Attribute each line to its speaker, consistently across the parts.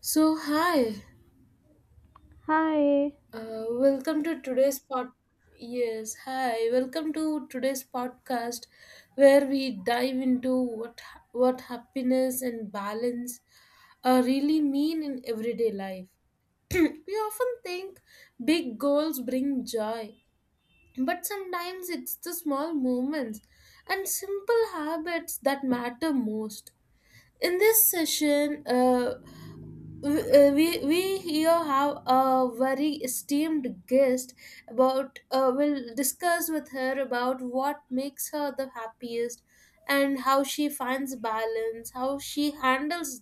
Speaker 1: So hi,
Speaker 2: Hi.
Speaker 1: welcome to today's pod. Yes, hi, welcome to today's podcast, where we dive into what happiness and balance really mean in everyday life. We often think big goals bring joy, but sometimes it's the small moments and simple habits that matter most. In this session, we, we here have a very esteemed guest about we'll discuss with her about what makes her the happiest, and how she finds balance, how she handles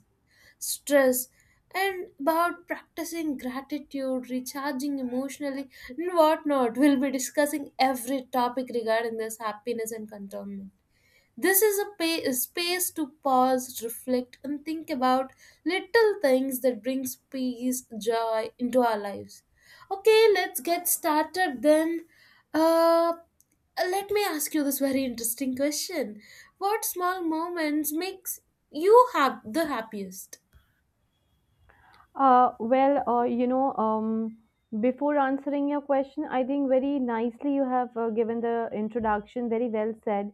Speaker 1: stress, and about practicing gratitude, recharging emotionally, and whatnot. We'll be discussing every topic regarding this happiness and contentment. This is a space to pause, reflect, and think about little things that brings peace, joy into our lives. Okay, let's get started then. Uh, Let me ask you this very interesting question: what small moments makes you have the happiest?
Speaker 2: Uh, well, uh, you know, um, Before answering your question, I think very nicely you have given the introduction, very well said.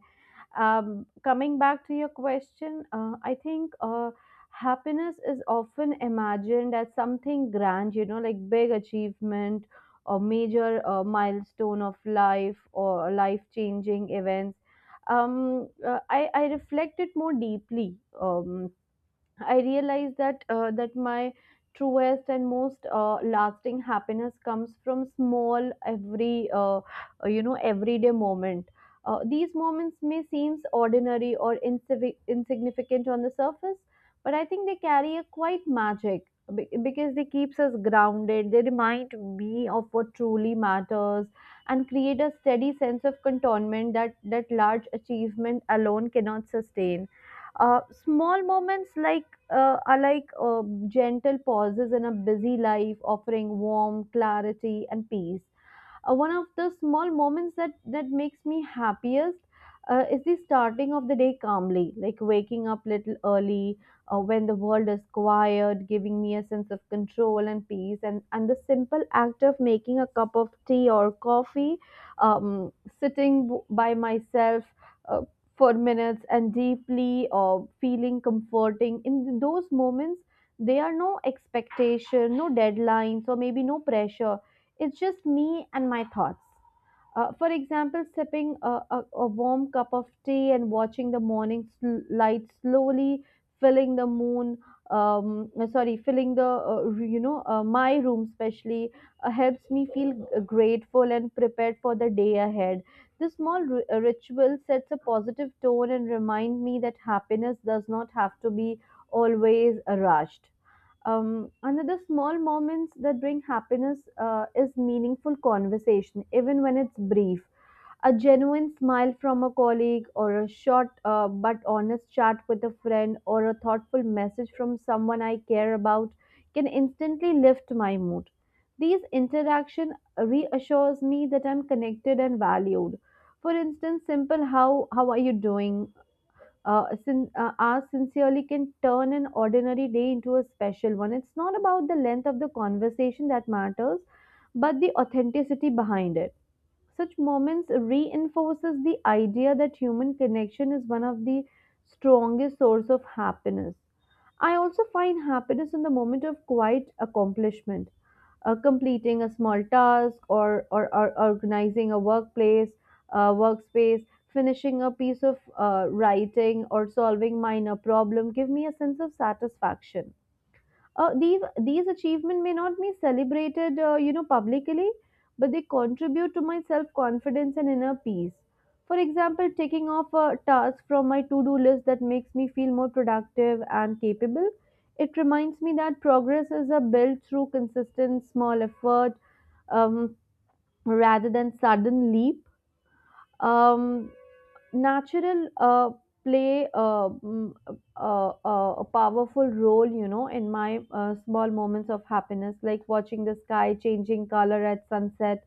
Speaker 2: Coming back to your question, I think happiness is often imagined as something grand, you know, like big achievement or major milestone of life or life-changing events. I reflected more deeply. Um, I realized that my truest and most lasting happiness comes from small every you know everyday moment. These moments may seem ordinary or insignificant on the surface, but I think they carry a quite magic because they keeps us grounded. They remind me of what truly matters and create a steady sense of contentment that large achievement alone cannot sustain. Uh, small moments are like gentle pauses in a busy life, offering warmth, clarity, and peace. One of the small moments that makes me happiest is the starting of the day calmly, like waking up little early when the world is quiet, giving me a sense of control and peace. And the simple act of making a cup of tea or coffee, um, sitting by myself. Uh, for minutes and deeply or feeling comforting in those moments there are no expectation, no deadlines, or maybe no pressure. It's just me and my thoughts. For example, sipping a warm cup of tea and watching the morning light slowly filling the moon. Sorry, filling the you know my room especially helps me feel grateful and prepared for the day ahead. This small ritual sets a positive tone and remind me that happiness does not have to be always rushed. Um, another small moments that bring happiness is meaningful conversation even when it's brief. A genuine smile from a colleague, or a short but honest chat with a friend, or a thoughtful message from someone I care about can instantly lift my mood. These interaction reassures me that I'm connected and valued. For instance, simple how are you doing ask sincerely can turn an ordinary day into a special one. It's not about the length of the conversation that matters, but the authenticity behind it. Such moments reinforces the idea that human connection is one of the strongest source of happiness. I also find happiness in the moment of quiet accomplishment, completing a small task, or organizing a workplace, workspace, finishing a piece of writing or solving minor problem give me a sense of satisfaction. These achievements may not be celebrated, publicly, but they contribute to my self confidence and inner peace. For example, taking off a task from my to do list that makes me feel more productive and capable. It reminds me that progress is a built through consistent small effort um, rather than sudden leap. Um, natural play a powerful role, you know, in my small moments of happiness, like watching the sky changing color at sunset.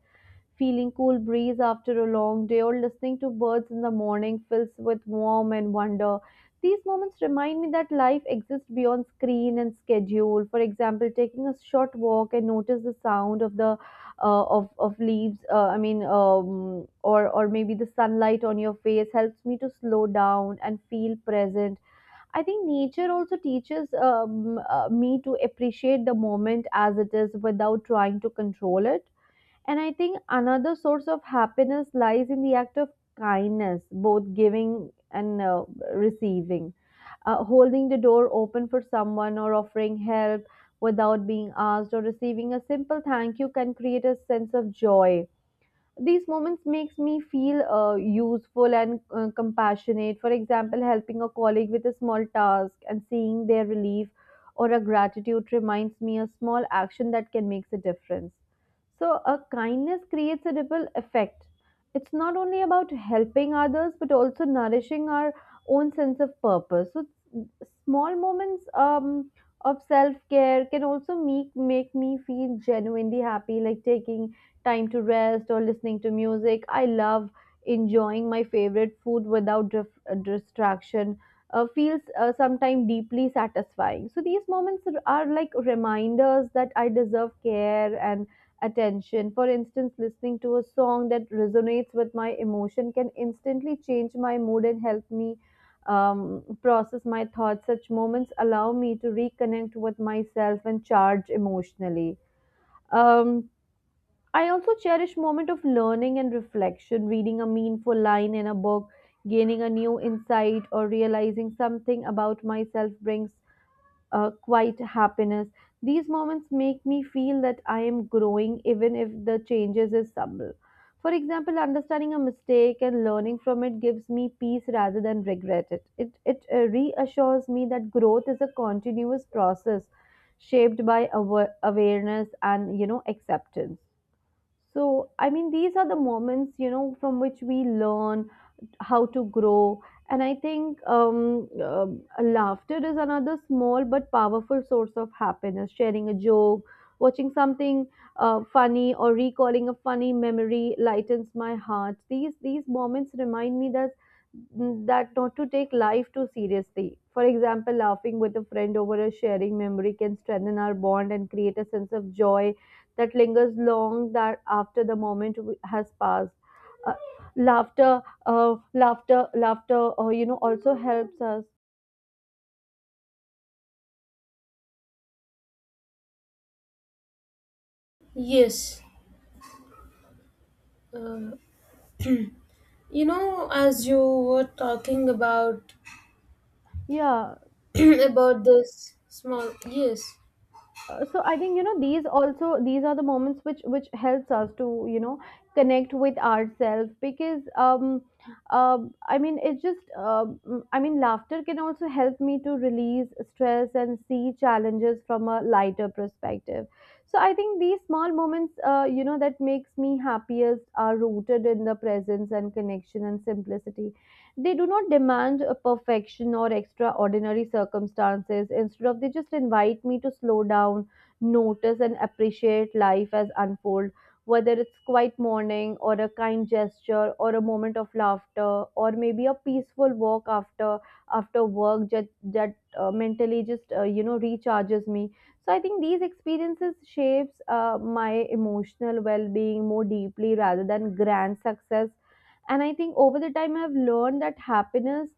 Speaker 2: Feeling cool breeze after a long day or listening to birds in the morning fills with warmth and wonder. These moments remind me that life exists beyond screen and schedule. For example, taking a short walk and notice the sound of the of leaves. I mean, or maybe the sunlight on your face helps me to slow down and feel present. I think nature also teaches me to appreciate the moment as it is without trying to control it. And I think another source of happiness lies in the act of kindness, both giving and receiving. Holding the door open for someone, or offering help without being asked, or receiving a simple thank you can create a sense of joy. These moments makes me feel useful and compassionate. For example, helping a colleague with a small task and seeing their relief or a gratitude reminds me a small action that can make a difference. So a kindness creates a ripple effect. It's not only about helping others, but also nourishing our own sense of purpose. So small moments of self care can also make me feel genuinely happy, like taking time to rest or listening to music. I love enjoying my favorite food without distraction. Feels sometimes deeply satisfying. So these moments are like reminders that I deserve care and attention. For instance, listening to a song that resonates with my emotion can instantly change my mood and help me um, process my thoughts. Such moments allow me to reconnect with myself and charge emotionally. Um, I also cherish moment of learning and reflection, reading a meaningful line in a book, gaining a new insight or realizing something about myself brings quite happiness. These moments make me feel that I am growing even if the changes is subtle. For example, understanding a mistake and learning from it gives me peace rather than regret it. It reassures me that growth is a continuous process shaped by awareness and, you know, acceptance. So, I mean, these are the moments, you know, from which we learn how to grow. And I think laughter is another small but powerful source of happiness. Sharing a joke, watching something funny, or recalling a funny memory lightens my heart. These moments remind me that not to take life too seriously. For example, laughing with a friend over a sharing memory can strengthen our bond and create a sense of joy that lingers long that after the has passed. Uh, laughter laughter, you know, also helps us,
Speaker 1: Yes, you know, as you were talking about
Speaker 2: yeah.
Speaker 1: about this small, yes.
Speaker 2: So I think, you know, these are the moments which helps us to, you know, connect with ourselves because um I mean, it's just, I mean, laughter can also help me to release stress and see challenges from a lighter perspective. So I think these small moments, you know, that makes me happiest are rooted in the presence and connection and simplicity. They do not demand a perfection or extraordinary circumstances. Instead of, they just invite me to slow down, notice, and appreciate life as unfold. Whether it's quiet morning, or a kind gesture, or a moment of laughter, or maybe a peaceful walk after work that mentally just, you know, recharges me. So I think these experiences shapes my emotional well-being more deeply rather than grand success. And I think over the time I've learned that happiness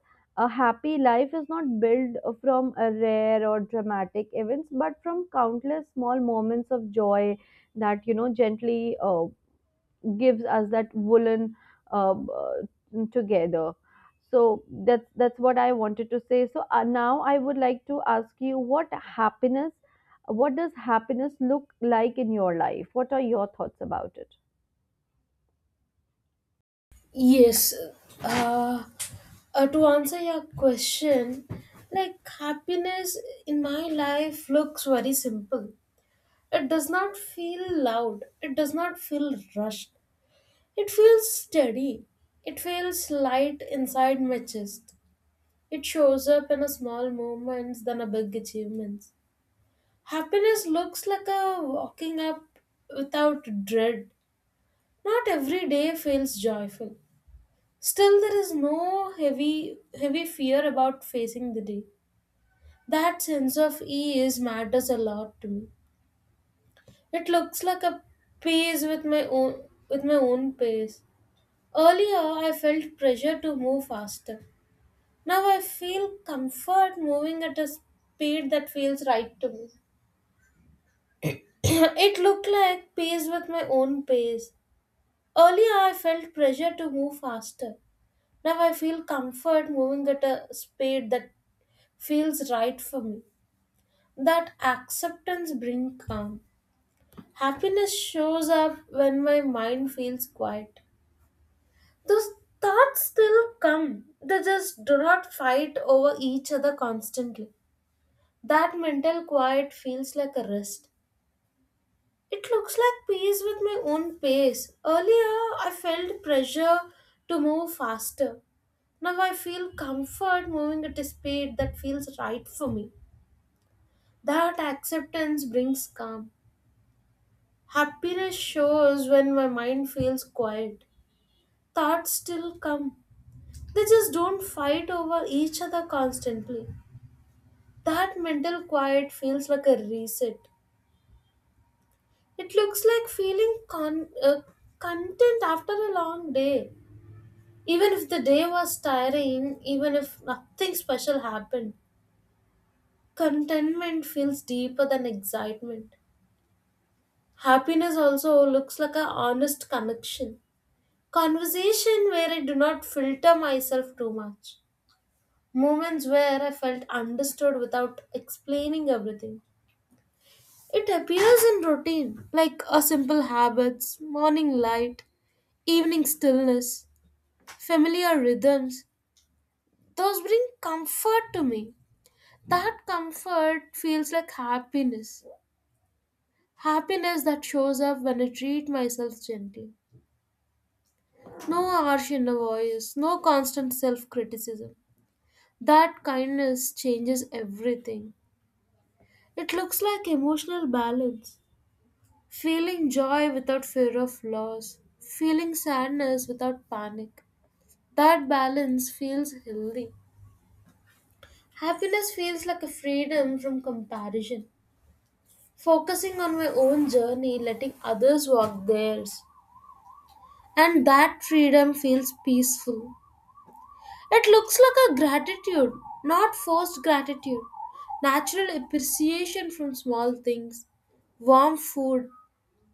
Speaker 2: a happy life is not built from a rare or dramatic events, but from countless small moments of joy that, you know, gently gives us that woolen together. So that's what I wanted to say. So now I would like to ask you, what happiness what does happiness look like in your life? What are your thoughts about it?
Speaker 1: Yes. Uh, to answer your question, like happiness in my life looks very simple. It does not feel loud. It does not feel rushed. It feels steady. It feels light inside my chest. It shows up in a small moments than a big achievements. Happiness looks like a walking up without dread. Not every day feels joyful. Still, there is no heavy fear about facing the day. That sense of ease matters a lot to me. It looks like a pace with my own pace. Earlier, I felt pressure to move faster. Now I feel comfort moving at a speed that feels right to me. It looked like pace with my own pace. Earlier, I felt pressure to move faster. Now I feel comfort moving at a speed that feels right for me. That acceptance brings calm. Happiness shows up when my mind feels quiet. Those thoughts still come, they just do not fight over each other constantly. That mental quiet feels like a rest. It looks like peace with my own pace. Earlier, I felt pressure to move faster. Now I feel comfort moving at a speed that feels right for me. That acceptance brings calm. Happiness shows when my mind feels quiet. Thoughts still come. They just don't fight over each other constantly. That mental quiet feels like a reset. It looks like feeling content after a long day. Even if the day was tiring, even if nothing special happened, contentment feels deeper than excitement. Happiness also looks like a honest connection. Conversation where I do not filter myself too much. Moments where I felt understood without explaining everything. It appears in routine, like a simple habits, morning light, evening stillness, familiar rhythms. Those bring comfort to me. That comfort feels like happiness. Happiness that shows up when I treat myself gently. No harsh inner voice, no constant self criticism. That kindness changes everything. It looks like emotional balance. Feeling joy without fear of loss, feeling sadness without panic. That balance feels healthy. Happiness feels like a freedom from comparison. Focusing on my own journey, letting others walk theirs. And that freedom feels peaceful. It looks like a gratitude, not forced gratitude. Natural appreciation from small things, warm food,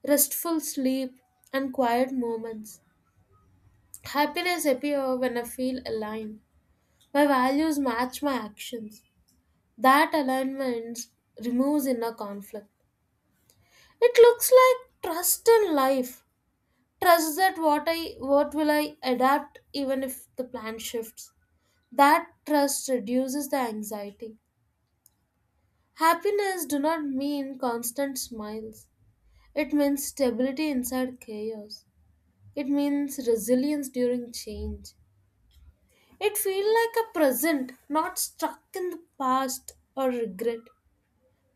Speaker 1: restful sleep, and quiet moments. Happiness appears when I feel aligned. My values match my actions. That alignment removes inner conflict. It looks like trust in life. Trust that what will I adapt even if the plan shifts. That trust reduces the anxiety. Happiness do not mean constant smiles. It means stability inside chaos. It means resilience during change. It feels like a present, not stuck in the past or regret,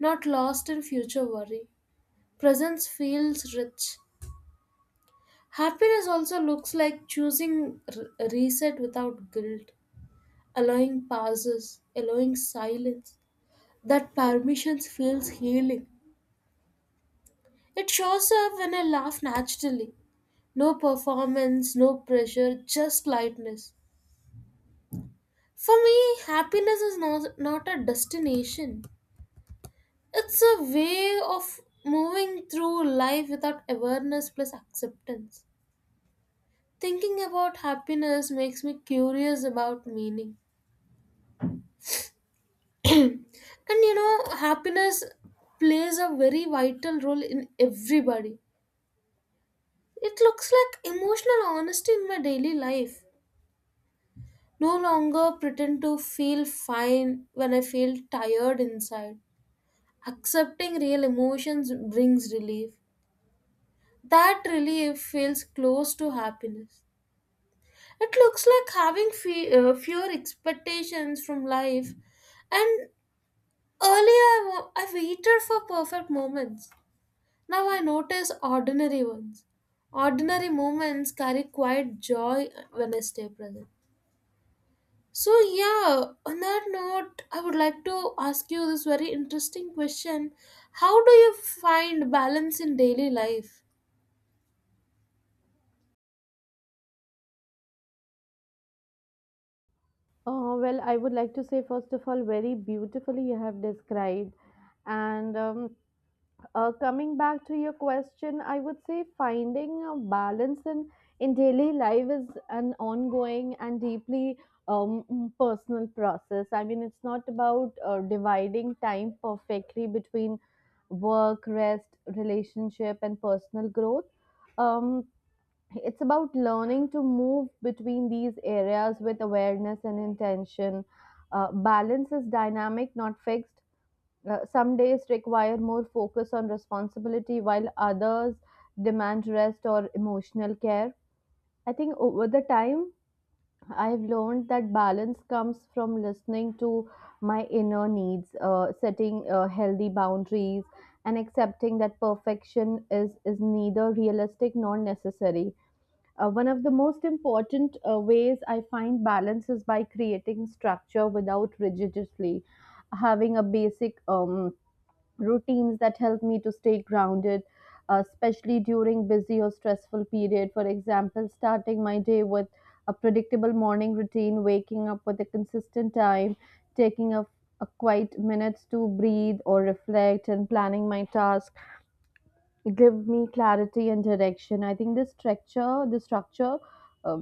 Speaker 1: not lost in future worry. Presence feels rich. Happiness also looks like choosing reset without guilt, allowing pauses, allowing silence. That permission feels healing. It shows up when I laugh naturally. No performance, no pressure, just lightness. For me, happiness is not a destination. It's a way of moving through life without awareness plus acceptance. Thinking about happiness makes me curious about meaning. And you know, happiness plays a very vital role in everybody. It looks like emotional honesty in my daily life. No longer pretend to feel fine when I feel tired inside. Accepting real emotions brings relief. That relief feels close to happiness. It looks like having fewer expectations from life. And earlier I waited for perfect moments. Now I notice ordinary ones. Ordinary moments carry quiet joy when I stay present. So, yeah, on that note, I would like to ask you this very interesting question: how do you find balance in daily life?
Speaker 2: Uh, well, I would like to say, first of all, very beautifully you have described. And coming back to your question, I would say finding a balance in daily life is an ongoing and deeply personal process. I mean, it's not about dividing time perfectly between work, rest, relationship, and personal growth. Um, it's about learning to move between these areas with awareness and intention. Balance is dynamic, not fixed. Some days require more focus on responsibility, while others demand rest or emotional care. I think over the time, I've learned that balance comes from listening to my inner needs, setting healthy boundaries, and accepting that perfection is neither realistic nor necessary. Uh, one of the most important ways I find balance is by creating structure without rigidly having a basic routines that help me to stay grounded, especially during busy or stressful period. For example, starting my day with a predictable morning routine, waking up with a consistent time, taking a quiet minutes to breathe or reflect, and planning my task give me clarity and direction. I think the structure uh,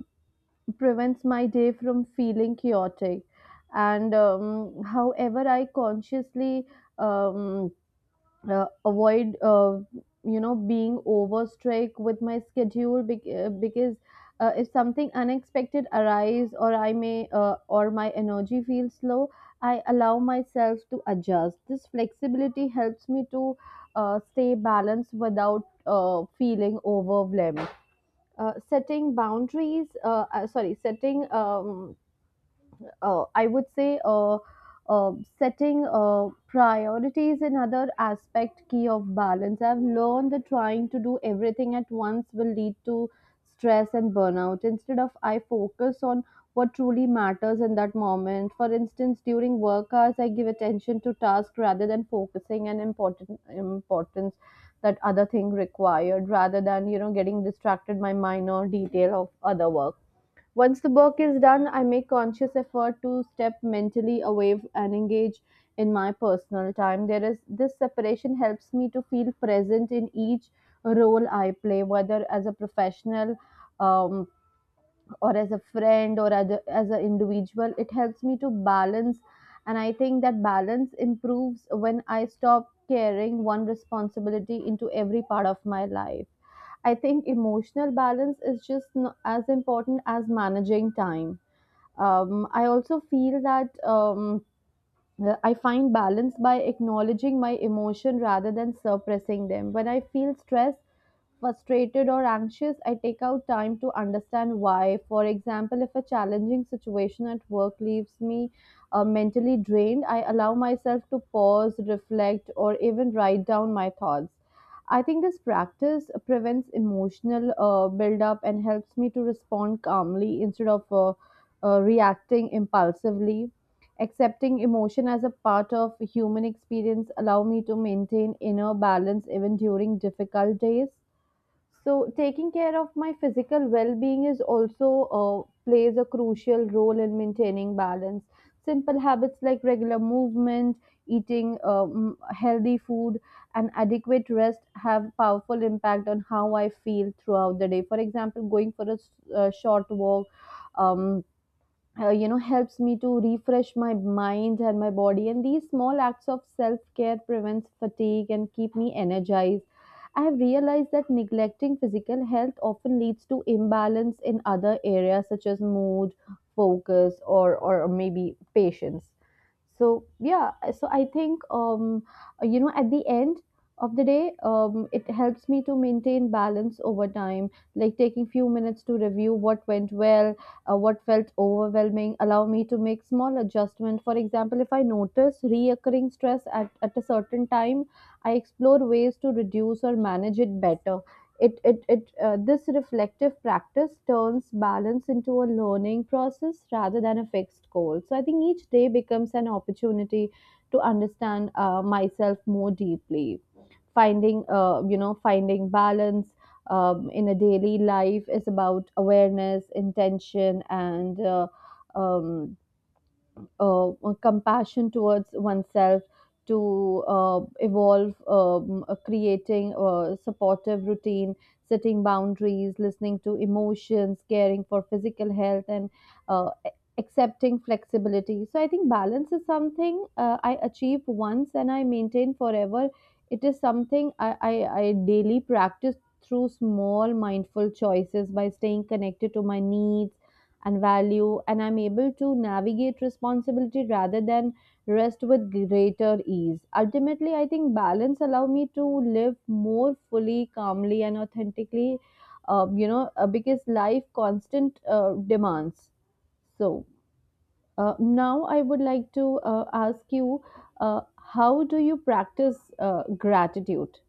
Speaker 2: prevents my day from feeling chaotic. And However, I consciously um, avoid you know being overstrike with my schedule, because if something unexpected arise, or I may or my energy feels low, I allow myself to adjust. This flexibility helps me to stay balanced without feeling overwhelmed. Uh, setting boundaries sorry setting I would say, uh, Setting priorities in other aspect key of balance. I've learned that trying to do everything at once will lead to stress and burnout. Instead of I focus on what truly matters in that moment. For instance, during work hours, I give attention to task rather than focusing on important importance that other thing required rather than getting distracted by minor detail of other work. Once the work is done, I make conscious effort to step mentally away and engage in my personal time. There is this separation helps me to feel present in each role I play, whether as a professional, um, or as a friend or other, as an individual. It helps me to balance, and I think that balance improves when I stop carrying one responsibility into every part of my life. I think emotional balance is just as important as managing time. I also feel that. I find balance by acknowledging my emotion rather than suppressing them. When I feel stressed, frustrated, or anxious, I take out time to understand why. For example, if a challenging situation at work leaves me mentally drained, I allow myself to pause, reflect, or even write down my thoughts. I think this practice prevents emotional buildup and helps me to respond calmly instead of reacting impulsively. Accepting emotion as a part of human experience allow me to maintain inner balance even during difficult days. So taking care of my physical well-being is also plays a crucial role in maintaining balance. Simple habits like regular movement, eating healthy food, and adequate rest have powerful impact on how I feel throughout the day. For example, going for a short walk. Um, helps me to refresh my mind and my body, and these small acts of self care prevents fatigue and keep me energized. I have realized that neglecting physical health often leads to imbalance in other areas such as mood, focus, or maybe patience. So yeah, so I think, at the end of the day, um, it helps me to maintain balance over time. Like taking few minutes to review what went well, what felt overwhelming allow me to make small adjustment. For example, if I notice reoccurring stress at a certain time, I explore ways to reduce or manage it better. It This reflective practice turns balance into a learning process rather than a fixed goal. So I think each day becomes an opportunity to understand myself more deeply. Finding, finding balance in a daily life is about awareness, intention, and, um, uh, compassion towards oneself to evolve. Creating a supportive routine, setting boundaries, listening to emotions, caring for physical health, and uh, a- accepting flexibility. So I think balance is something I achieve once and I maintain forever. It is something I daily practice through small mindful choices. By staying connected to my needs and value, and I'm able to navigate responsibility rather than rest with greater ease. Ultimately, I think balance allow me to live more fully, calmly, and authentically. You know, because life constant demands. So now I would like to ask you, how do you practice gratitude?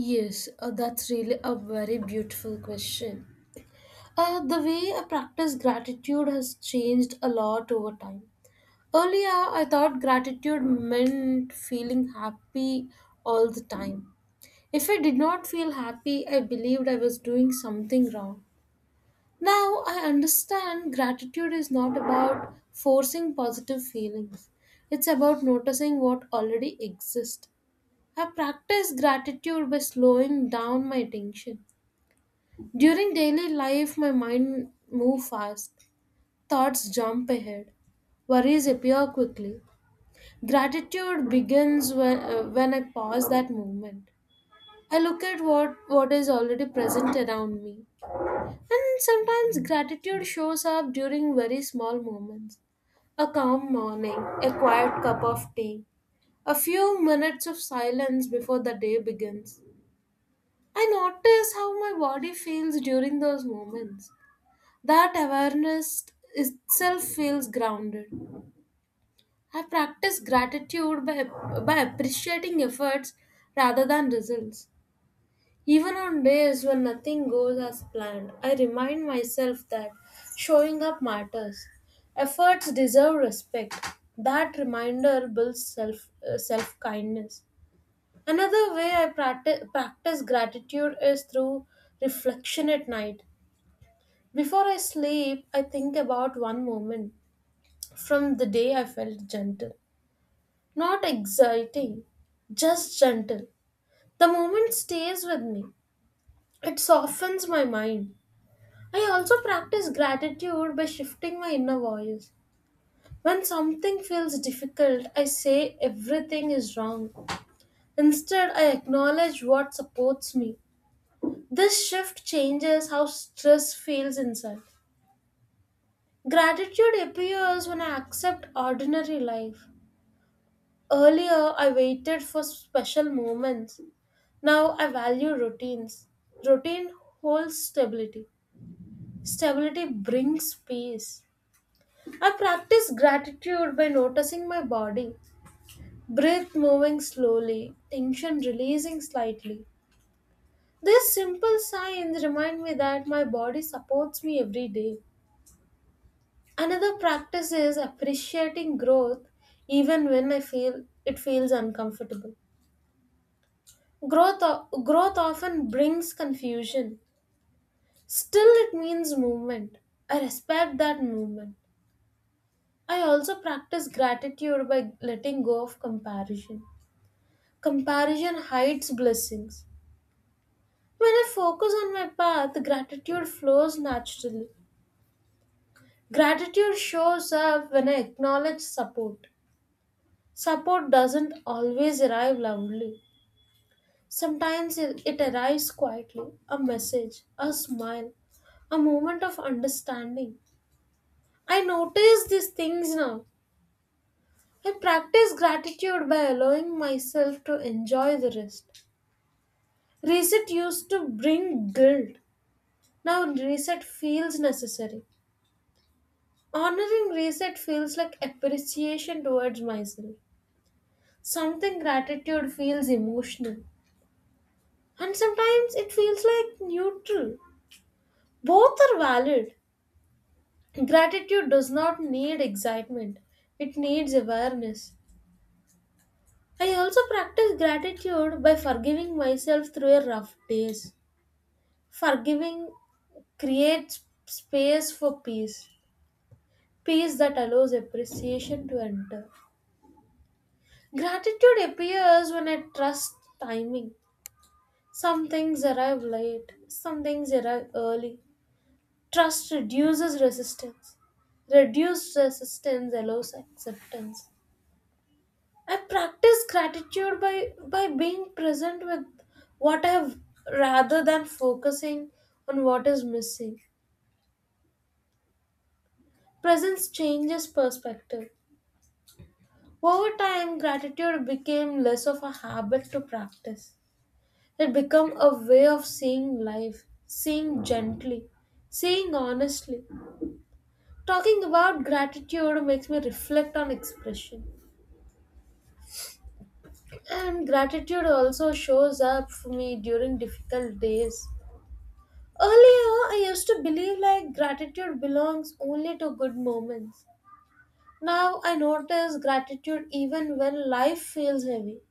Speaker 1: Yes, that's really a very beautiful question. The way I practice gratitude has changed a lot over time. Earlier, I thought gratitude meant feeling happy all the time. If I did not feel happy, I believed I was doing something wrong. Now, I understand gratitude is not about forcing positive feelings, it's about noticing what already exists. I practice gratitude by slowing down my attention. During daily life, my mind moves fast. Thoughts jump ahead. Worries appear quickly. Gratitude begins when I pause that movement. I look at what is already present around me. And sometimes gratitude shows up during very small moments. A calm morning, a quiet cup of tea, a few minutes of silence before the day begins. I notice how my body feels during those moments. That awareness itself feels grounded. I practice gratitude by appreciating efforts rather than results. Even on days when nothing goes as planned, I remind myself that showing up matters. Efforts deserve respect. That reminder builds self kindness. Another way I practice gratitude is through reflection at night. Before I sleep, I think about one moment from the day I felt gentle, not exciting, just gentle. The moment stays with me, it softens my mind. I also practice gratitude by shifting my inner voice. When something feels difficult, I say everything is wrong. Instead, I acknowledge what supports me. This shift changes how stress feels inside. Gratitude appears when I accept ordinary life. Earlier, I waited for special moments. Now I value routines. Routine holds stability. Stability brings peace. I practice gratitude by noticing my body. Breath moving slowly, tension releasing slightly. These simple signs remind me that my body supports me every day. Another practice is appreciating growth even when I feel it feels uncomfortable. Growth often brings confusion. Still, it means movement. I respect that movement. I also practice gratitude by letting go of comparison. Comparison hides blessings. When I focus on my path, gratitude flows naturally. Gratitude shows up when I acknowledge support. Support doesn't always arrive loudly. Sometimes it arrives quietly, a message, a smile, a moment of understanding. I notice these things now. I practice gratitude by allowing myself to enjoy the rest. Reset used to bring guilt. Now reset feels necessary. Honoring reset feels like appreciation towards myself. Something gratitude feels emotional. And sometimes it feels like neutral. Both are valid. Gratitude does not need excitement, it needs awareness. I also practice gratitude by forgiving myself through a rough days. Forgiving creates space for peace, peace that allows appreciation to enter. Gratitude appears when I trust timing. Some things arrive late, some things arrive early. Trust reduces resistance. Reduced resistance allows acceptance. I practice gratitude by being present with what I have rather than focusing on what is missing. Presence changes perspective. Over time, gratitude became less of a habit to practice. It became a way of seeing life, seeing gently, seeing honestly. Talking about gratitude makes me reflect on expression. And gratitude also shows up for me during difficult days. Earlier, I used to believe like gratitude belongs only to good moments. Now I notice gratitude even when life feels heavy.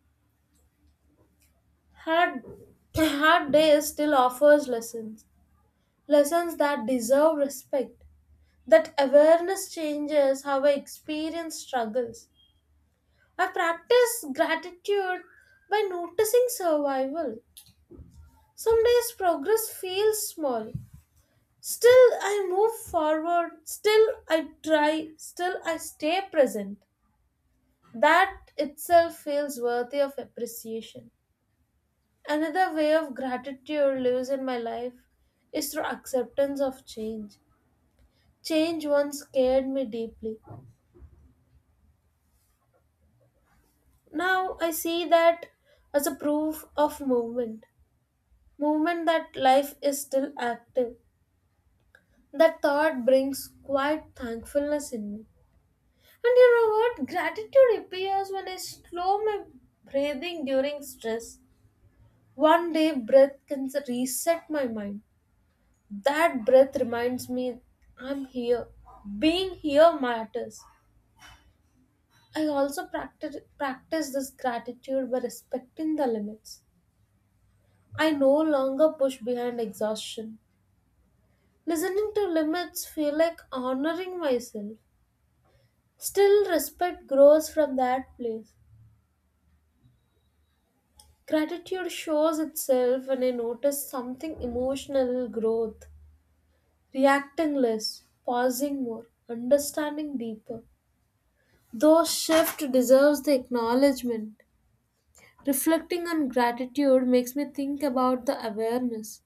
Speaker 1: Hard, Hard days still offers lessons, lessons that deserve respect. That awareness changes how I experience struggles. I practice gratitude by noticing survival. Some days progress feels small. Still, I move forward, still, I try, still, I stay present. That itself feels worthy of appreciation. Another way of gratitude lives in my life is through acceptance of change. Change once scared me deeply. Now I see that as a proof of movement. Movement that life is still active. That thought brings quiet thankfulness in me. And you know what? Gratitude appears when I slow my breathing during stress. One day, breath can reset my mind. That breath reminds me I'm here. Being here matters. I also practice this gratitude by respecting the limits. I no longer push behind exhaustion. Listening to limits feel like honoring myself. Still, respect grows from that place. Gratitude shows itself when I notice something emotional growth, reacting less, pausing more, understanding deeper. Though shift deserves the acknowledgement. Reflecting on gratitude makes me think about the awareness.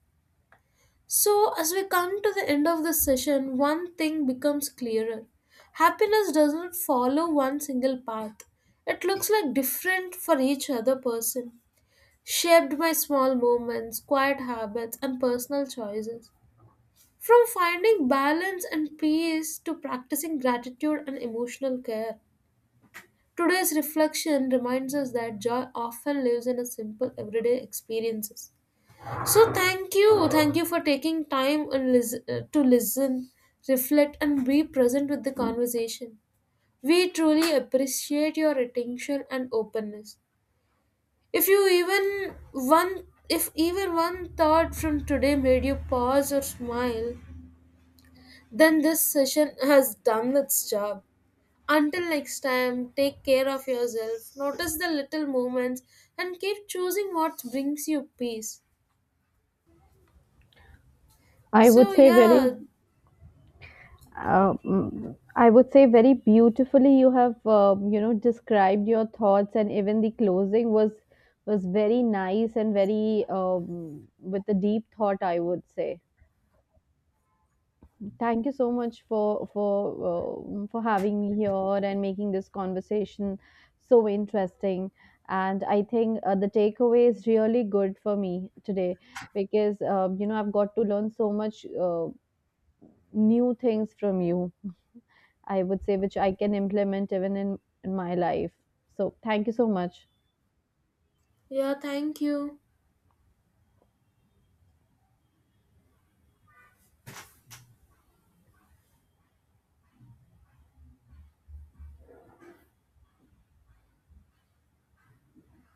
Speaker 1: So, as we come to the end of this session, one thing becomes clearer. Happiness doesn't follow one single path, it looks like different for each other person, shaped by small movements, quiet habits, and personal choices. From finding balance and peace to practicing gratitude and emotional care, today's reflection reminds us that joy often lives in a simple everyday experiences. So thank you for taking time and to listen, reflect, and be present with the conversation. We truly appreciate your attention and openness. If you even one if even one thought from today made you pause or smile, then this session has done its job. Until next time, take care of yourself, notice the little moments, and keep choosing what brings you peace.
Speaker 2: I
Speaker 1: So,
Speaker 2: would say very.
Speaker 1: yeah,
Speaker 2: I would say very beautifully you have, described your thoughts, and even the closing was very nice and very, with a deep thought I would say. Thank you so much for for having me here and making this conversation so interesting. And I think the takeaway is really good for me today because, I've got to learn so much new things from you. I would say, which I can implement even in my life. So, thank you so much.
Speaker 1: yeah, thank you.